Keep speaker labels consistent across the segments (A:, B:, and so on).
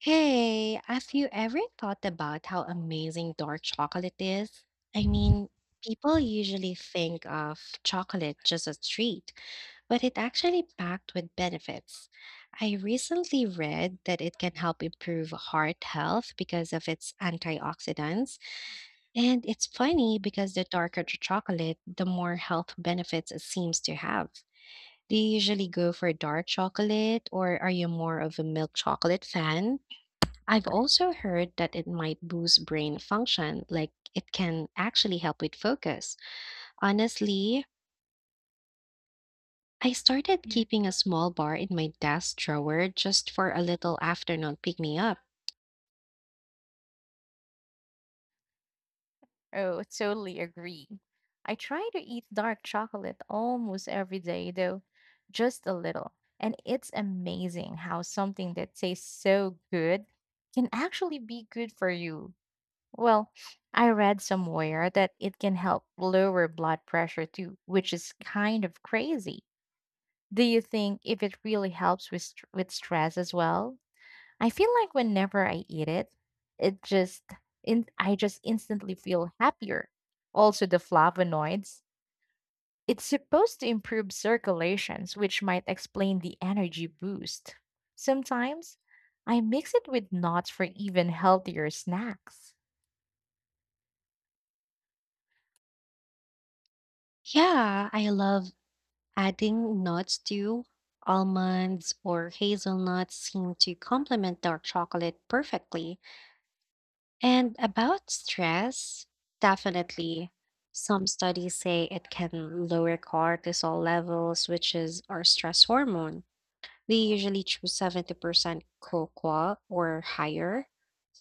A: Hey, have you ever thought about how amazing dark chocolate is? I mean, people usually think of chocolate just as a treat, but it's actually packed with benefits. I recently read that it can help improve heart health because of its antioxidants. And it's funny because the darker the chocolate, the more health benefits it seems to have. Do you usually go for dark chocolate, or are you more of a milk chocolate fan? I've also heard that it might boost brain function, like it can actually help with focus. Honestly, I started keeping a small bar in my desk drawer just for a little afternoon pick me up.
B: Oh, totally agree. I try to eat dark chocolate almost every day, though, just a little. And it's amazing how something that tastes so good can actually be good for you. Well, I read somewhere that it can help lower blood pressure too, which is kind of crazy. Do you think if it really helps with with stress as well? I feel like whenever I eat it, it just in I just instantly feel happier. Also the flavonoids, it's supposed to improve circulations, which might explain the energy boost. Sometimes I mix it with nuts for even healthier snacks.
A: Yeah, I love adding nuts too. Almonds or hazelnuts seem to complement dark chocolate perfectly. And about stress, definitely. Some studies say it can lower cortisol levels, which is our stress hormone. They usually choose 70% cocoa or higher.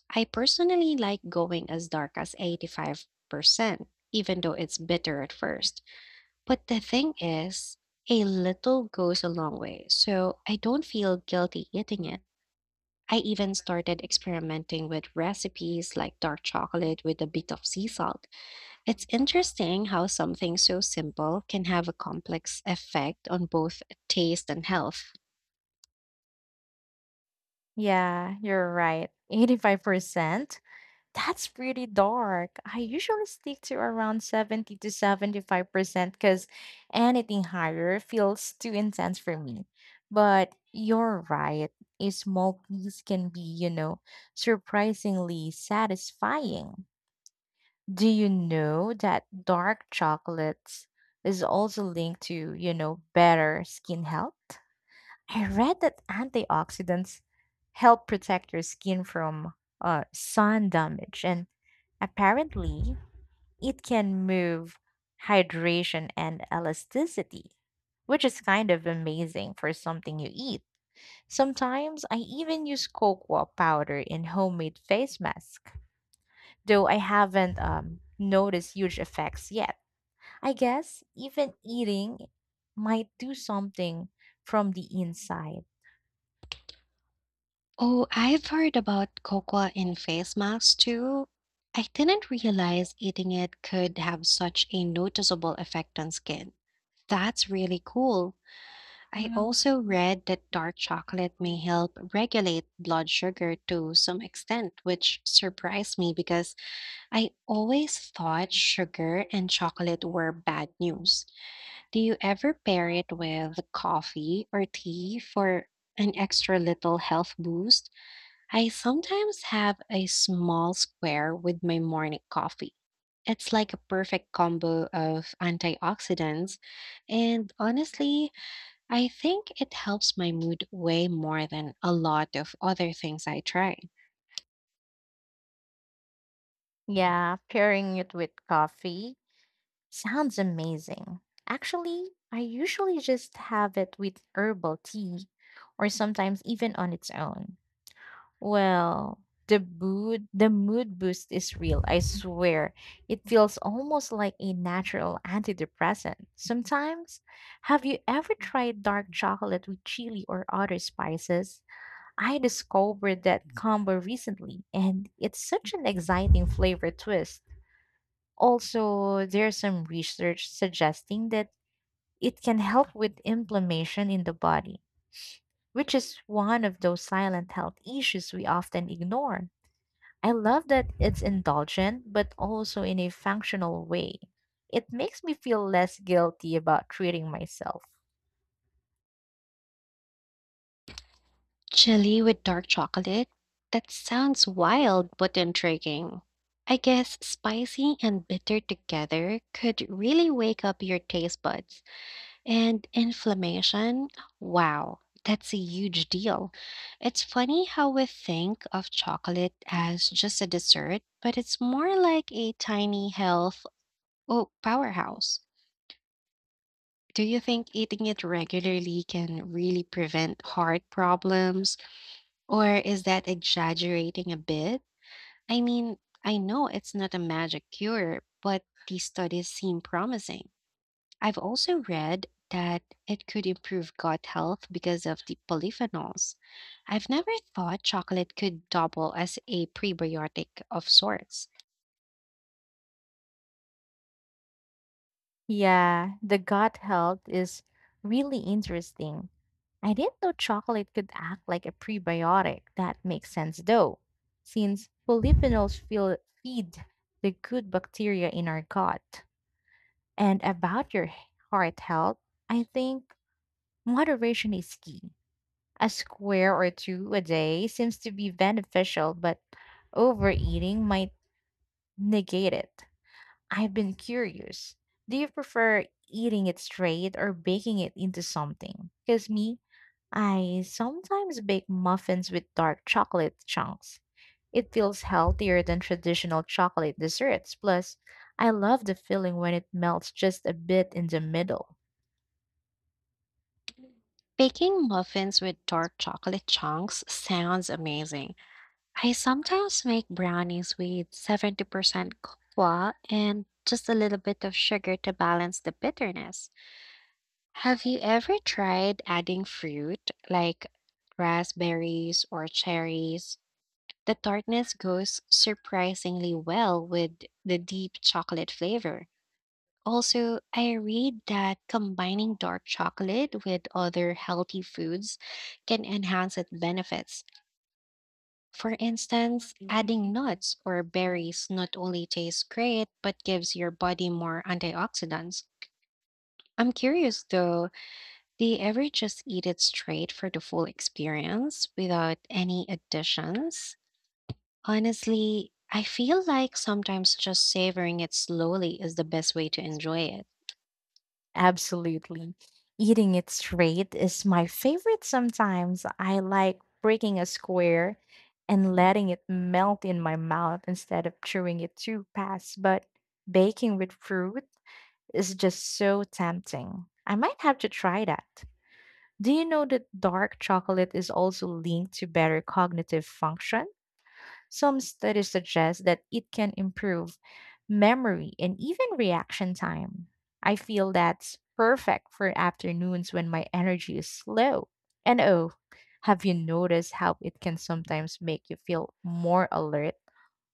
A: I personally like going as dark as 85%, even though it's bitter at first. But the thing is, a little goes a long way, so I don't feel guilty eating it. I even started experimenting with recipes like dark chocolate with a bit of sea salt. It's interesting how something so simple can have a complex effect on both taste and health.
B: Yeah, you're right. 85%. That's pretty dark. I usually stick to around 70 to 75% because anything higher feels too intense for me. But you're right. A small piece can be, you know, surprisingly satisfying. Do you know that dark chocolates is also linked to, you know, better skin health? I read that antioxidants help protect your skin from sun damage, and apparently, it can move hydration and elasticity, which is kind of amazing for something you eat. Sometimes I even use cocoa powder in homemade face mask, though I haven't noticed huge effects yet. I guess even eating might do something from the inside.
A: Oh, I've heard about cocoa in face masks too. I didn't realize eating it could have such a noticeable effect on skin. That's really cool. I also read that dark chocolate may help regulate blood sugar to some extent, which surprised me because I always thought sugar and chocolate were bad news. Do you ever pair it with coffee or tea for an extra little health boost? I sometimes have a small square with my morning coffee. It's like a perfect combo of antioxidants, and honestly, I think it helps my mood way more than a lot of other things I try.
B: Yeah, pairing it with coffee sounds amazing. Actually, I usually just have it with herbal tea or sometimes even on its own. Well, the mood boost is real, I swear. It feels almost like a natural antidepressant. Sometimes, have you ever tried dark chocolate with chili or other spices? I discovered that combo recently and it's such an exciting flavor twist. Also, there's some research suggesting that it can help with inflammation in the body, which is one of those silent health issues we often ignore. I love that it's indulgent, but also in a functional way. It makes me feel less guilty about treating myself.
A: Chili with dark chocolate? That sounds wild but intriguing. I guess spicy and bitter together could really wake up your taste buds. And inflammation? Wow, that's a huge deal. It's funny how we think of chocolate as just a dessert, but it's more like a tiny health oh, powerhouse. Do you think eating it regularly can really prevent heart problems, or is that exaggerating a bit? I mean, I know it's not a magic cure, but these studies seem promising. I've also read that it could improve gut health because of the polyphenols. I've never thought chocolate could double as a prebiotic of sorts.
B: Yeah, the gut health is really interesting. I didn't know chocolate could act like a prebiotic. That makes sense though, since feed the good bacteria in our gut. And about your heart health, I think moderation is key. A square or two a day seems to be beneficial, but overeating might negate it. I've been curious. Do you prefer eating it straight or baking it into something? Because me, I sometimes bake muffins with dark chocolate chunks. It feels healthier than traditional chocolate desserts. Plus, I love the feeling when it melts just a bit in the middle.
A: Baking muffins with dark chocolate chunks sounds amazing. I sometimes make brownies with 70% cocoa and just a little bit of sugar to balance the bitterness. Have you ever tried adding fruit like raspberries or cherries? The tartness goes surprisingly well with the deep chocolate flavor. Also, I read that combining dark chocolate with other healthy foods can enhance its benefits. For instance, adding nuts or berries not only tastes great but gives your body more antioxidants. I'm curious though, do you ever just eat it straight for the full experience without any additions? Honestly, I feel like sometimes just savoring it slowly is the best way to enjoy it.
B: Absolutely. Eating it straight is my favorite sometimes. I like breaking a square and letting it melt in my mouth instead of chewing it too fast. But baking with fruit is just so tempting. I might have to try that. Do you know that dark chocolate is also linked to better cognitive function? Some studies suggest that it can improve memory and even reaction time. I feel that's perfect for afternoons when my energy is low. And oh, have you noticed how it can sometimes make you feel more alert,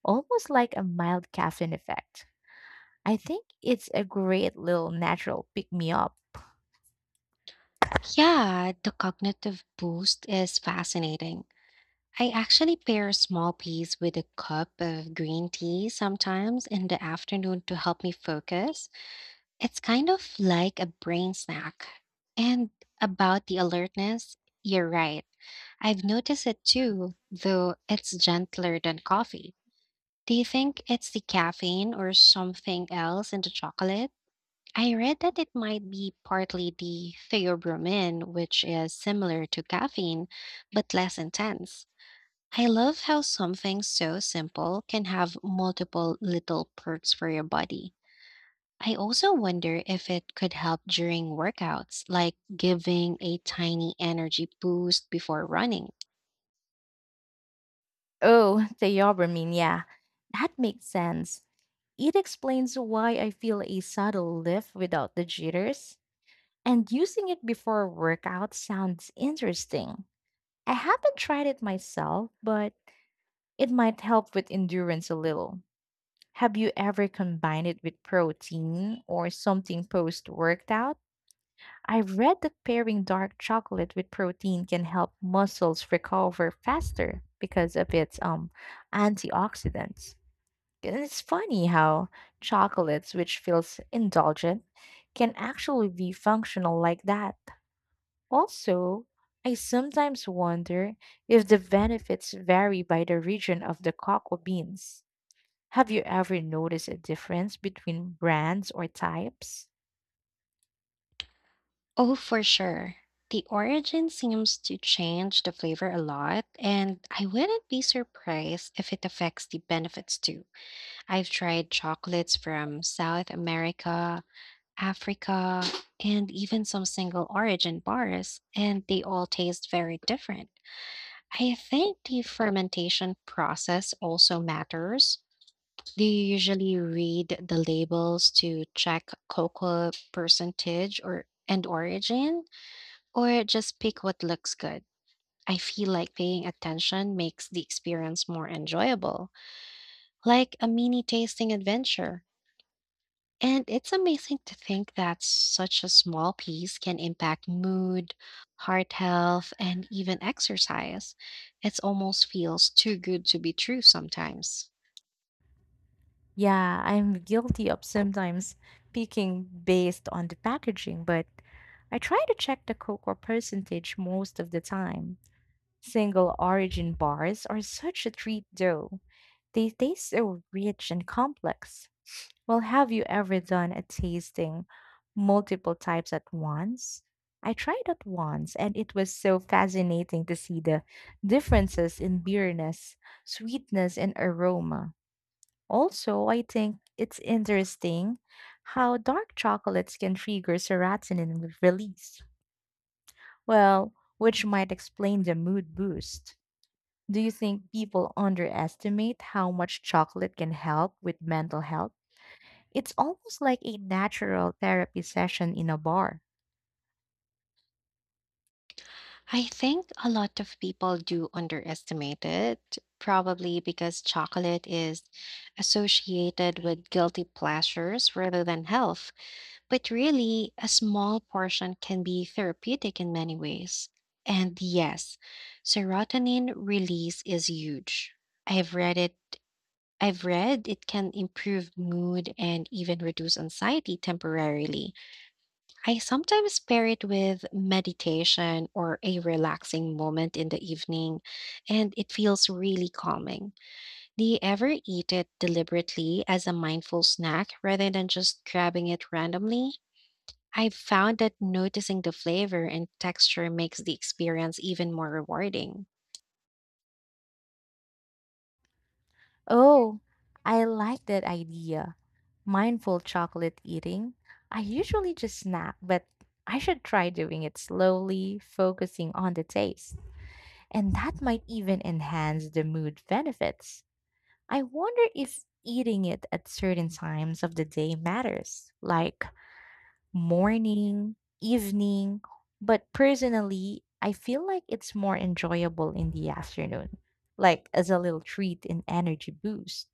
B: almost like a mild caffeine effect? I think it's a great little natural pick me up.
A: Yeah, the cognitive boost is fascinating. I actually pair a small piece with a cup of green tea sometimes in the afternoon to help me focus. It's kind of like a brain snack. And about the alertness, you're right. I've noticed it too, though it's gentler than coffee. Do you think it's the caffeine or something else in the chocolate? I read that it might be partly the theobromine, which is similar to caffeine but less intense. I love how something so simple can have multiple little perks for your body. I also wonder if it could help during workouts, like giving a tiny energy boost before running.
B: Oh, theobromine, yeah, that makes sense. It explains why I feel a subtle lift without the jitters. And using it before workout sounds interesting. I haven't tried it myself, but it might help with endurance a little. Have you ever combined it with protein or something post workout? I've read that pairing dark chocolate with protein can help muscles recover faster because of its antioxidants. And it's funny how chocolates, which feels indulgent, can actually be functional like that. Also, I sometimes wonder if the benefits vary by the region of the cocoa beans. Have you ever noticed a difference between brands or types?
A: Oh, for sure. The origin seems to change the flavor a lot, and I wouldn't be surprised if it affects the benefits too. I've tried chocolates from South America, Africa, and even some single origin bars, and they all taste very different. I think the fermentation process also matters. Do you usually read the labels to check cocoa percentage or and origin, or just pick what looks good? I feel like paying attention makes the experience more enjoyable, like a mini tasting adventure. And it's amazing to think that such a small piece can impact mood, heart health, and even exercise. It almost feels too good to be true sometimes.
B: Yeah, I'm guilty of sometimes picking based on the packaging, but I try to check the cocoa percentage most of the time. Single origin bars are such a treat, though. They taste so rich and complex. Well, have you ever done a tasting multiple types at once? I tried it once, and it was so fascinating to see the differences in bitterness, sweetness, and aroma. Also, I think it's interesting how dark chocolates can trigger serotonin release, well, which might explain the mood boost. Do you think people underestimate how much chocolate can help with mental health? It's almost like a natural therapy session in a bar.
A: I think a lot of people do underestimate it, probably because chocolate is associated with guilty pleasures rather than health. But really, a small portion can be therapeutic in many ways. And yes, serotonin release is huge. I've read it. I've read it can improve mood and even reduce anxiety temporarily. I sometimes pair it with meditation or a relaxing moment in the evening, and it feels really calming. Do you ever eat it deliberately as a mindful snack rather than just grabbing it randomly? I've found that noticing the flavor and texture makes the experience even more rewarding.
B: Oh, I like that idea. Mindful chocolate eating. I usually just snack, but I should try doing it slowly, focusing on the taste. And that might even enhance the mood benefits. I wonder if eating it at certain times of the day matters, like morning, evening, but personally, I feel like it's more enjoyable in the afternoon, like as a little treat and energy boost.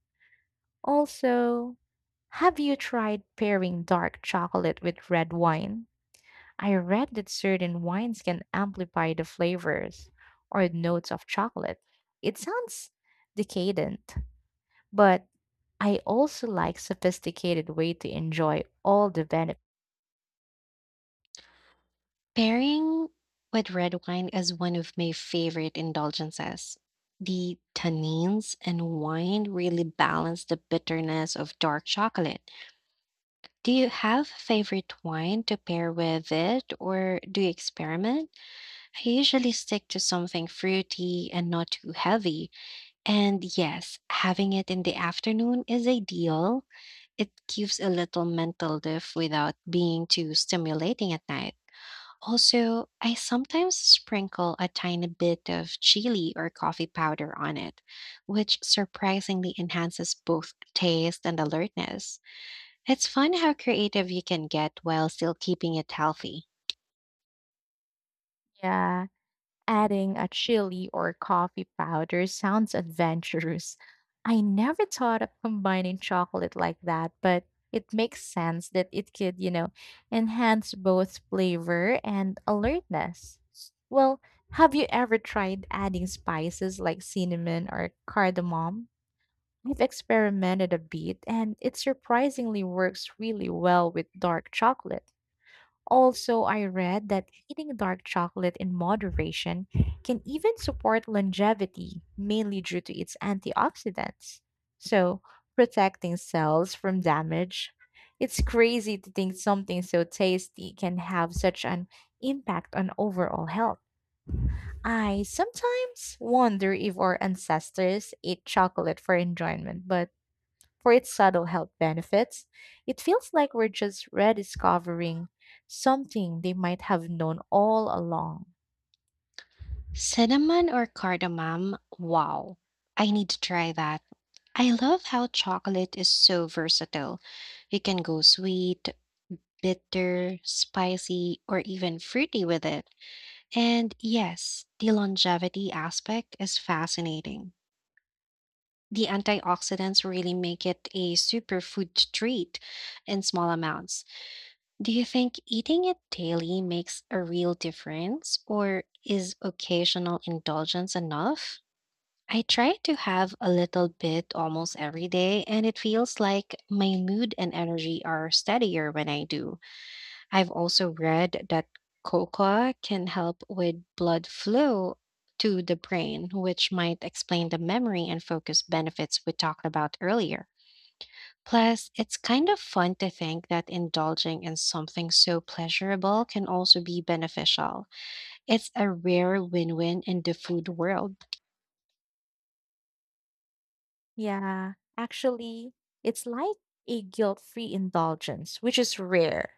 B: Also, have you tried pairing dark chocolate with red wine? I read that certain wines can amplify the flavors or notes of chocolate. It sounds decadent, but I also like sophisticated way to enjoy all the benefits.
A: Pairing with red wine is one of my favorite indulgences. The tannins and wine really balance the bitterness of dark chocolate. Do you have a favorite wine to pair with it, or do you experiment? I usually stick to something fruity and not too heavy. And yes, having it in the afternoon is ideal. It gives a little mental diff without being too stimulating at night. Also, I sometimes sprinkle a tiny bit of chili or coffee powder on it, which surprisingly enhances both taste and alertness. It's fun how creative you can get while still keeping it healthy.
B: Yeah, adding a chili or coffee powder sounds adventurous. I never thought of combining chocolate like that, but it makes sense that it could, you know, enhance both flavor and alertness. Well, have you ever tried adding spices like cinnamon or cardamom? I've experimented a bit and it surprisingly works really well with dark chocolate. Also, I read that eating dark chocolate in moderation can even support longevity, mainly due to its antioxidants. So, protecting cells from damage. It's crazy to think something so tasty can have such an impact on overall health. I sometimes wonder if our ancestors ate chocolate for enjoyment, but for its subtle health benefits, it feels like we're just rediscovering something they might have known all along.
A: Cinnamon or cardamom? Wow. I need to try that. I love how chocolate is so versatile. You can go sweet, bitter, spicy, or even fruity with it. And yes, the longevity aspect is fascinating. The antioxidants really make it a superfood treat in small amounts. Do you think eating it daily makes a real difference, or is occasional indulgence enough? I try to have a little bit almost every day, and it feels like my mood and energy are steadier when I do. I've also read that cocoa can help with blood flow to the brain, which might explain the memory and focus benefits we talked about earlier. Plus, it's kind of fun to think that indulging in something so pleasurable can also be beneficial. It's a rare win win in the food world.
B: Yeah, actually, it's like a guilt free indulgence, which is rare.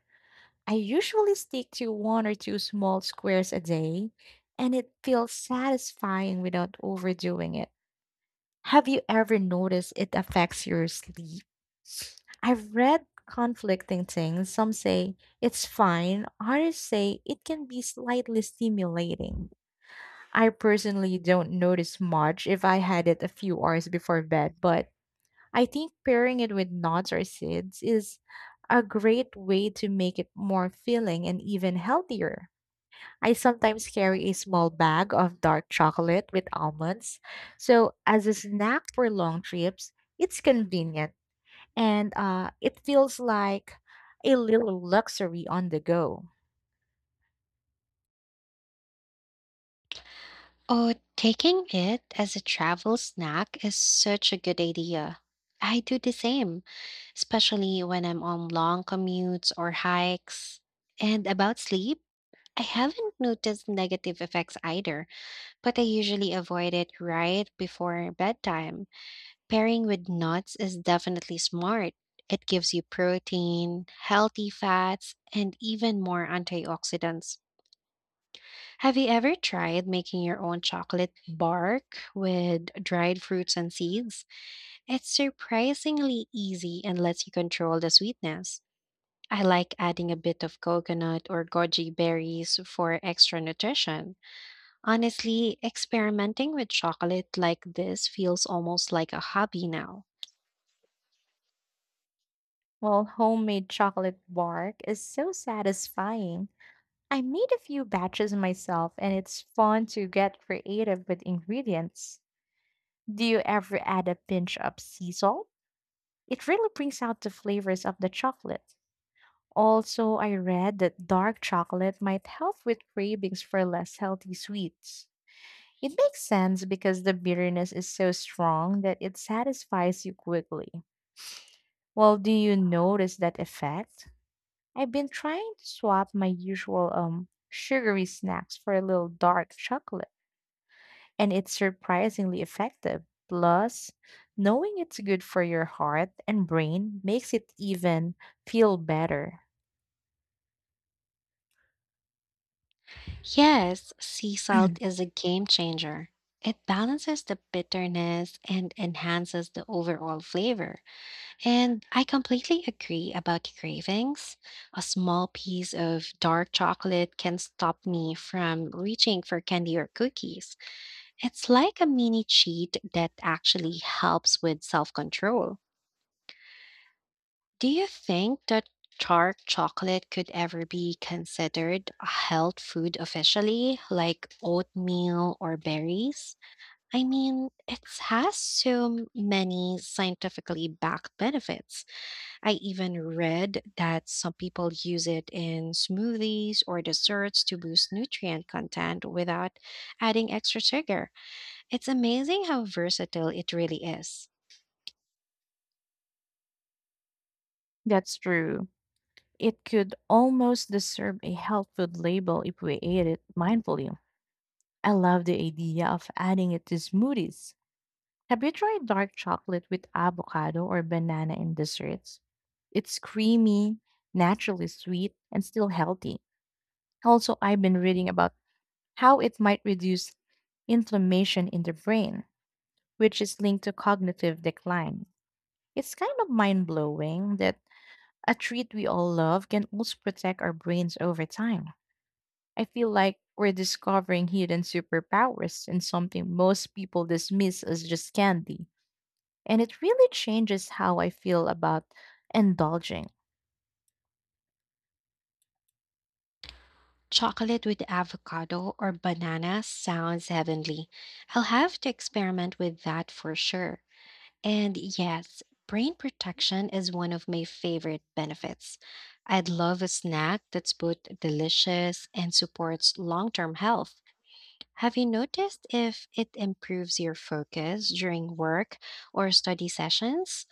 B: I usually stick to one or two small squares a day, and it feels satisfying without overdoing it. Have you ever noticed it affects your sleep? I've read conflicting things. Some say it's fine, others say it can be slightly stimulating. I personally don't notice much if I had it a few hours before bed, but I think pairing it with nuts or seeds is a great way to make it more filling and even healthier. I sometimes carry a small bag of dark chocolate with almonds. So, as a snack for long trips, it's convenient and it feels like a little luxury on the go.
A: Oh, taking it as a travel snack is such a good idea. I do the same, especially when I'm on long commutes or hikes. And about sleep, I haven't noticed negative effects either, but I usually avoid it right before bedtime. Pairing with nuts is definitely smart. It gives you protein, healthy fats, and even more antioxidants. Have you ever tried making your own chocolate bark with dried fruits and seeds? It's surprisingly easy and lets you control the sweetness. I like adding a bit of coconut or goji berries for extra nutrition. Honestly, experimenting with chocolate like this feels almost like a hobby now.
B: Well, homemade chocolate bark is so satisfying. I made a few batches myself, and it's fun to get creative with ingredients. Do you ever add a pinch of sea salt? It really brings out the flavors of the chocolate. Also, I read that dark chocolate might help with cravings for less healthy sweets. It makes sense because the bitterness is so strong that it satisfies you quickly. Well, do you notice that effect? I've been trying to swap my usual sugary snacks for a little dark chocolate, and it's surprisingly effective. Plus, knowing it's good for your heart and brain makes it even feel better.
A: Yes, sea salt is a game changer. It balances the bitterness and enhances the overall flavor. And I completely agree about cravings. A small piece of dark chocolate can stop me from reaching for candy or cookies. It's like a mini cheat that actually helps with self control. Do you think that dark chocolate could ever be considered a health food officially, like oatmeal or berries? I mean, it has so many scientifically backed benefits. I even read that some people use it in smoothies or desserts to boost nutrient content without adding extra sugar. It's amazing how versatile it really is.
B: That's true. It could almost deserve a health food label if we ate it mindfully. I love the idea of adding it to smoothies. Have you tried dark chocolate with avocado or banana in desserts? It's creamy, naturally sweet, and still healthy. Also, I've been reading about how it might reduce inflammation in the brain, which is linked to cognitive decline. It's kind of mind blowing that a treat we all love can also protect our brains over time. I feel like we're discovering hidden superpowers in something most people dismiss as just candy. And it really changes how I feel about indulging.
A: Chocolate with avocado or banana sounds heavenly. I'll have to experiment with that for sure. And yes, brain protection is one of my favorite benefits. I'd love a snack that's both delicious and supports long term health. Have you noticed if it improves your focus during work or study sessions?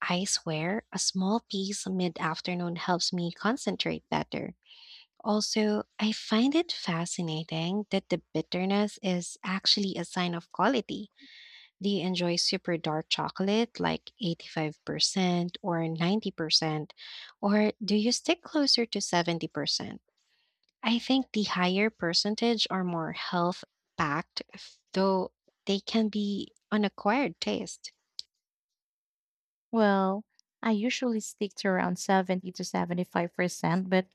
A: I swear, a small piece mid afternoon helps me concentrate better. Also, I find it fascinating that the bitterness is actually a sign of quality. Do you enjoy super dark chocolate like 85% or 90%? Or do you stick closer to 70%? I think the higher percentage are more health packed, though they can be an acquired taste.
B: Well, I usually stick to around 70 to 75%, but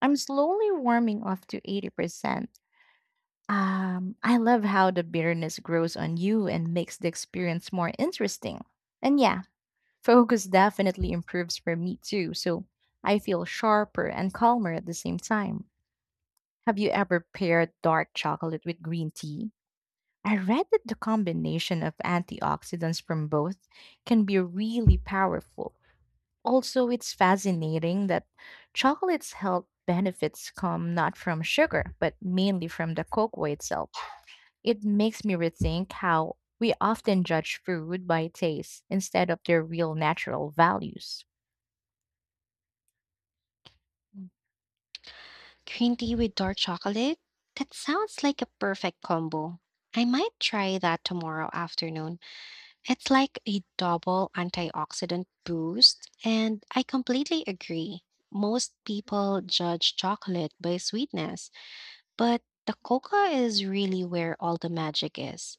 B: I'm slowly warming off to 80%. I love how the bitterness grows on you and makes the experience more interesting. And yeah, focus definitely improves for me too. So I feel sharper and calmer at the same time. Have you ever paired dark chocolate with green tea? I read that the combination of antioxidants from both can be really powerful. Also, it's fascinating that chocolate's health benefits come not from sugar, but mainly from the cocoa itself. It makes me rethink how we often judge food by taste instead of their real natural values.
A: Green tea with dark chocolate? That sounds like a perfect combo. I might try that tomorrow afternoon. It's like a double antioxidant boost, and I completely agree. Most people judge chocolate by sweetness, but the coca is really where all the magic is.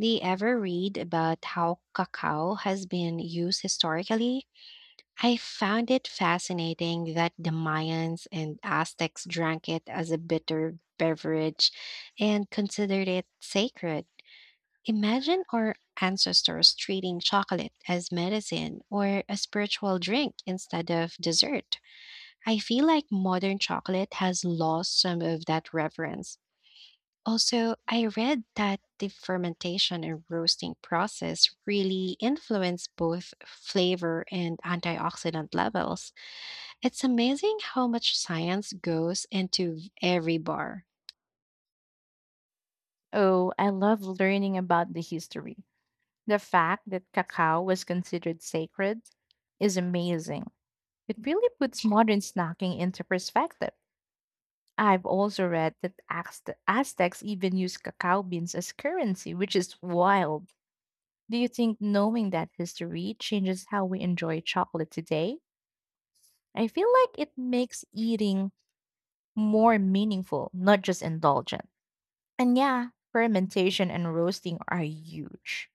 A: Do you ever read about how cacao has been used historically? I found it fascinating that the Mayans and Aztecs drank it as a bitter beverage and considered it sacred. Imagine our ancestors treating chocolate as medicine or a spiritual drink instead of dessert. I feel like modern chocolate has lost some of that reverence. Also, I read that the fermentation and roasting process really influence both flavor and antioxidant levels. It's amazing how much science goes into every bar.
B: Oh, I love learning about the history. The fact that cacao was considered sacred is amazing. It really puts modern snacking into perspective. I've also read that Aztecs even used cacao beans as currency, which is wild. Do you think knowing that history changes how we enjoy chocolate today? I feel like it makes eating more meaningful, not just indulgent. And yeah, fermentation and roasting are huge.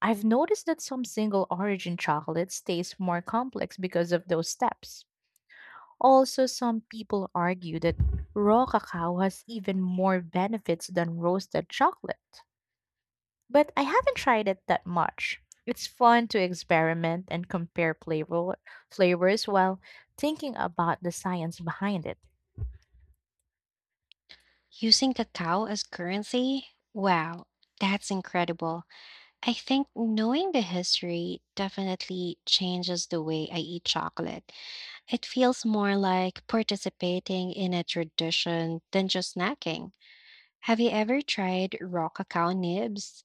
B: I've noticed that some single origin chocolates taste more complex because of those steps. Also, some people argue that raw cacao has even more benefits than roasted chocolate. But I haven't tried it that much. It's fun to experiment and compare flavors while thinking about the science behind it.
A: Using cacao as currency? Wow, that's incredible. I think knowing the history definitely changes the way I eat chocolate. It feels more like participating in a tradition than just snacking. Have you ever tried raw cacao nibs?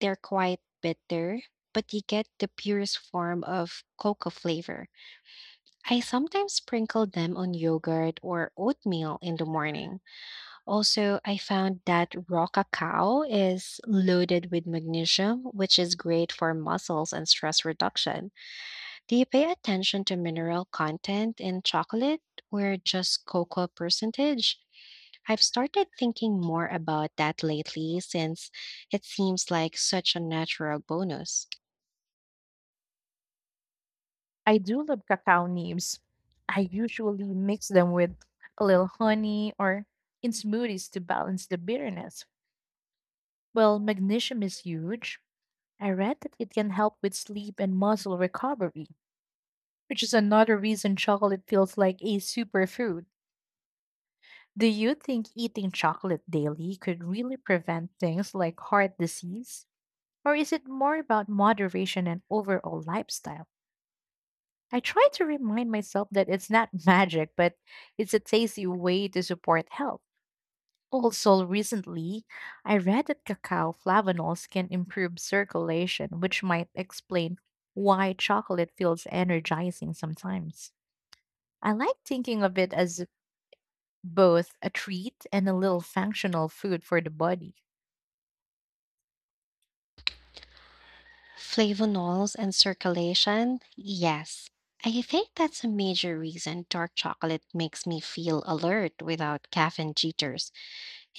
A: They're quite bitter, but you get the purest form of cocoa flavor. I sometimes sprinkle them on yogurt or oatmeal in the morning. Also, I found that raw cacao is loaded with magnesium, which is great for muscles and stress reduction. Do you pay attention to mineral content in chocolate or just cocoa percentage? I've started thinking more about that lately since it seems like such a natural bonus.
B: I do love cacao nibs. I usually mix them with a little honey or in smoothies to balance the bitterness. Well, magnesium is huge. I read that it can help with sleep and muscle recovery, which is another reason chocolate feels like a superfood. Do you think eating chocolate daily could really prevent things like heart disease? Or is it more about moderation and overall lifestyle? I try to remind myself that it's not magic, but it's a tasty way to support health. Also, recently, I read that cacao flavanols can improve circulation, which might explain why chocolate feels energizing sometimes. I like thinking of it as both a treat and a little functional food for the body.
A: Flavonols and circulation? Yes. I think that's a major reason dark chocolate makes me feel alert without caffeine jitters.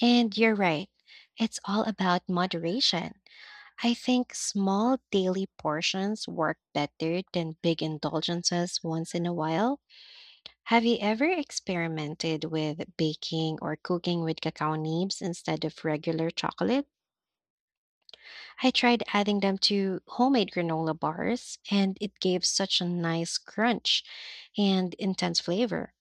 A: And you're right. It's all about moderation. I think small daily portions work better than big indulgences once in a while. Have you ever experimented with baking or cooking with cacao nibs instead of regular chocolate? I tried adding them to homemade granola bars, and it gave such a nice crunch and intense flavor.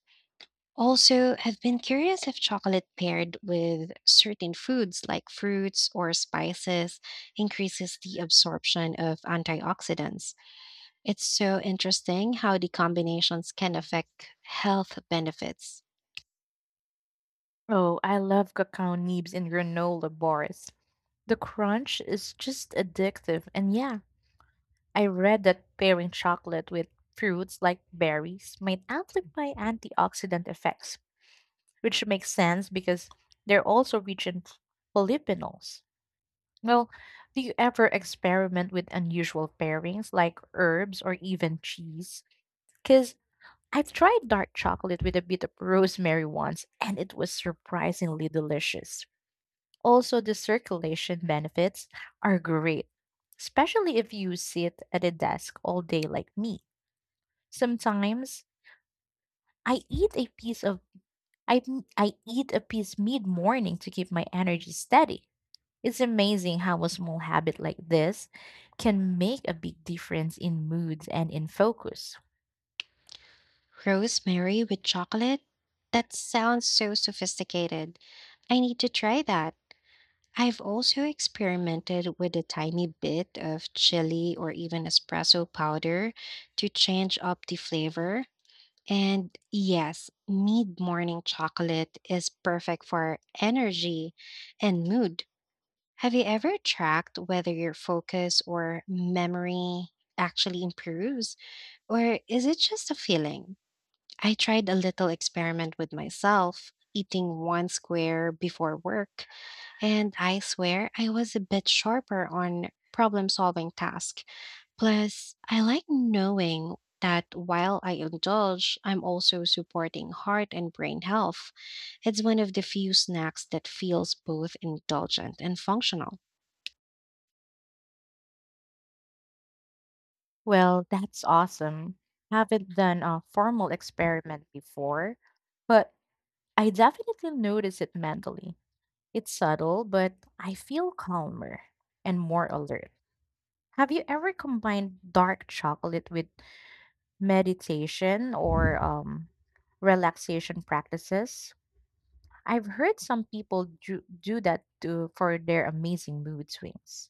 A: Also, I've been curious if chocolate paired with certain foods like fruits or spices increases the absorption of antioxidants. It's so interesting how the combinations can affect health benefits.
B: Oh, I love cacao nibs in granola bars. The crunch is just addictive, and yeah, I read that pairing chocolate with fruits like berries might amplify antioxidant effects, which makes sense because they're also rich in polyphenols. Well, do you ever experiment with unusual pairings like herbs or even cheese? Because I've tried dark chocolate with a bit of rosemary once, and it was surprisingly delicious. Also, the circulation benefits are great, especially if you sit at a desk all day like me. Sometimes I eat a piece of I eat a piece mid-morning to keep my energy steady. It's amazing how a small habit like this can make a big difference in mood and in focus.
A: Rosemary with chocolate? That sounds so sophisticated. I need to try that. I've also experimented with a tiny bit of chili or even espresso powder to change up the flavor. And yes, mid morning chocolate is perfect for energy and mood. Have you ever tracked whether your focus or memory actually improves, or is it just a feeling? I tried a little experiment with myself, eating one square before work, and I swear I was a bit sharper on problem solving tasks. Plus, I like knowing that while I indulge, I'm also supporting heart and brain health. It's one of the few snacks that feels both indulgent and functional.
B: Well, that's awesome. Haven't done a formal experiment before, but I definitely notice it mentally. It's subtle, but I feel calmer and more alert. Have you ever combined dark chocolate with meditation or relaxation practices. I've heard some people do that for their amazing mood swings.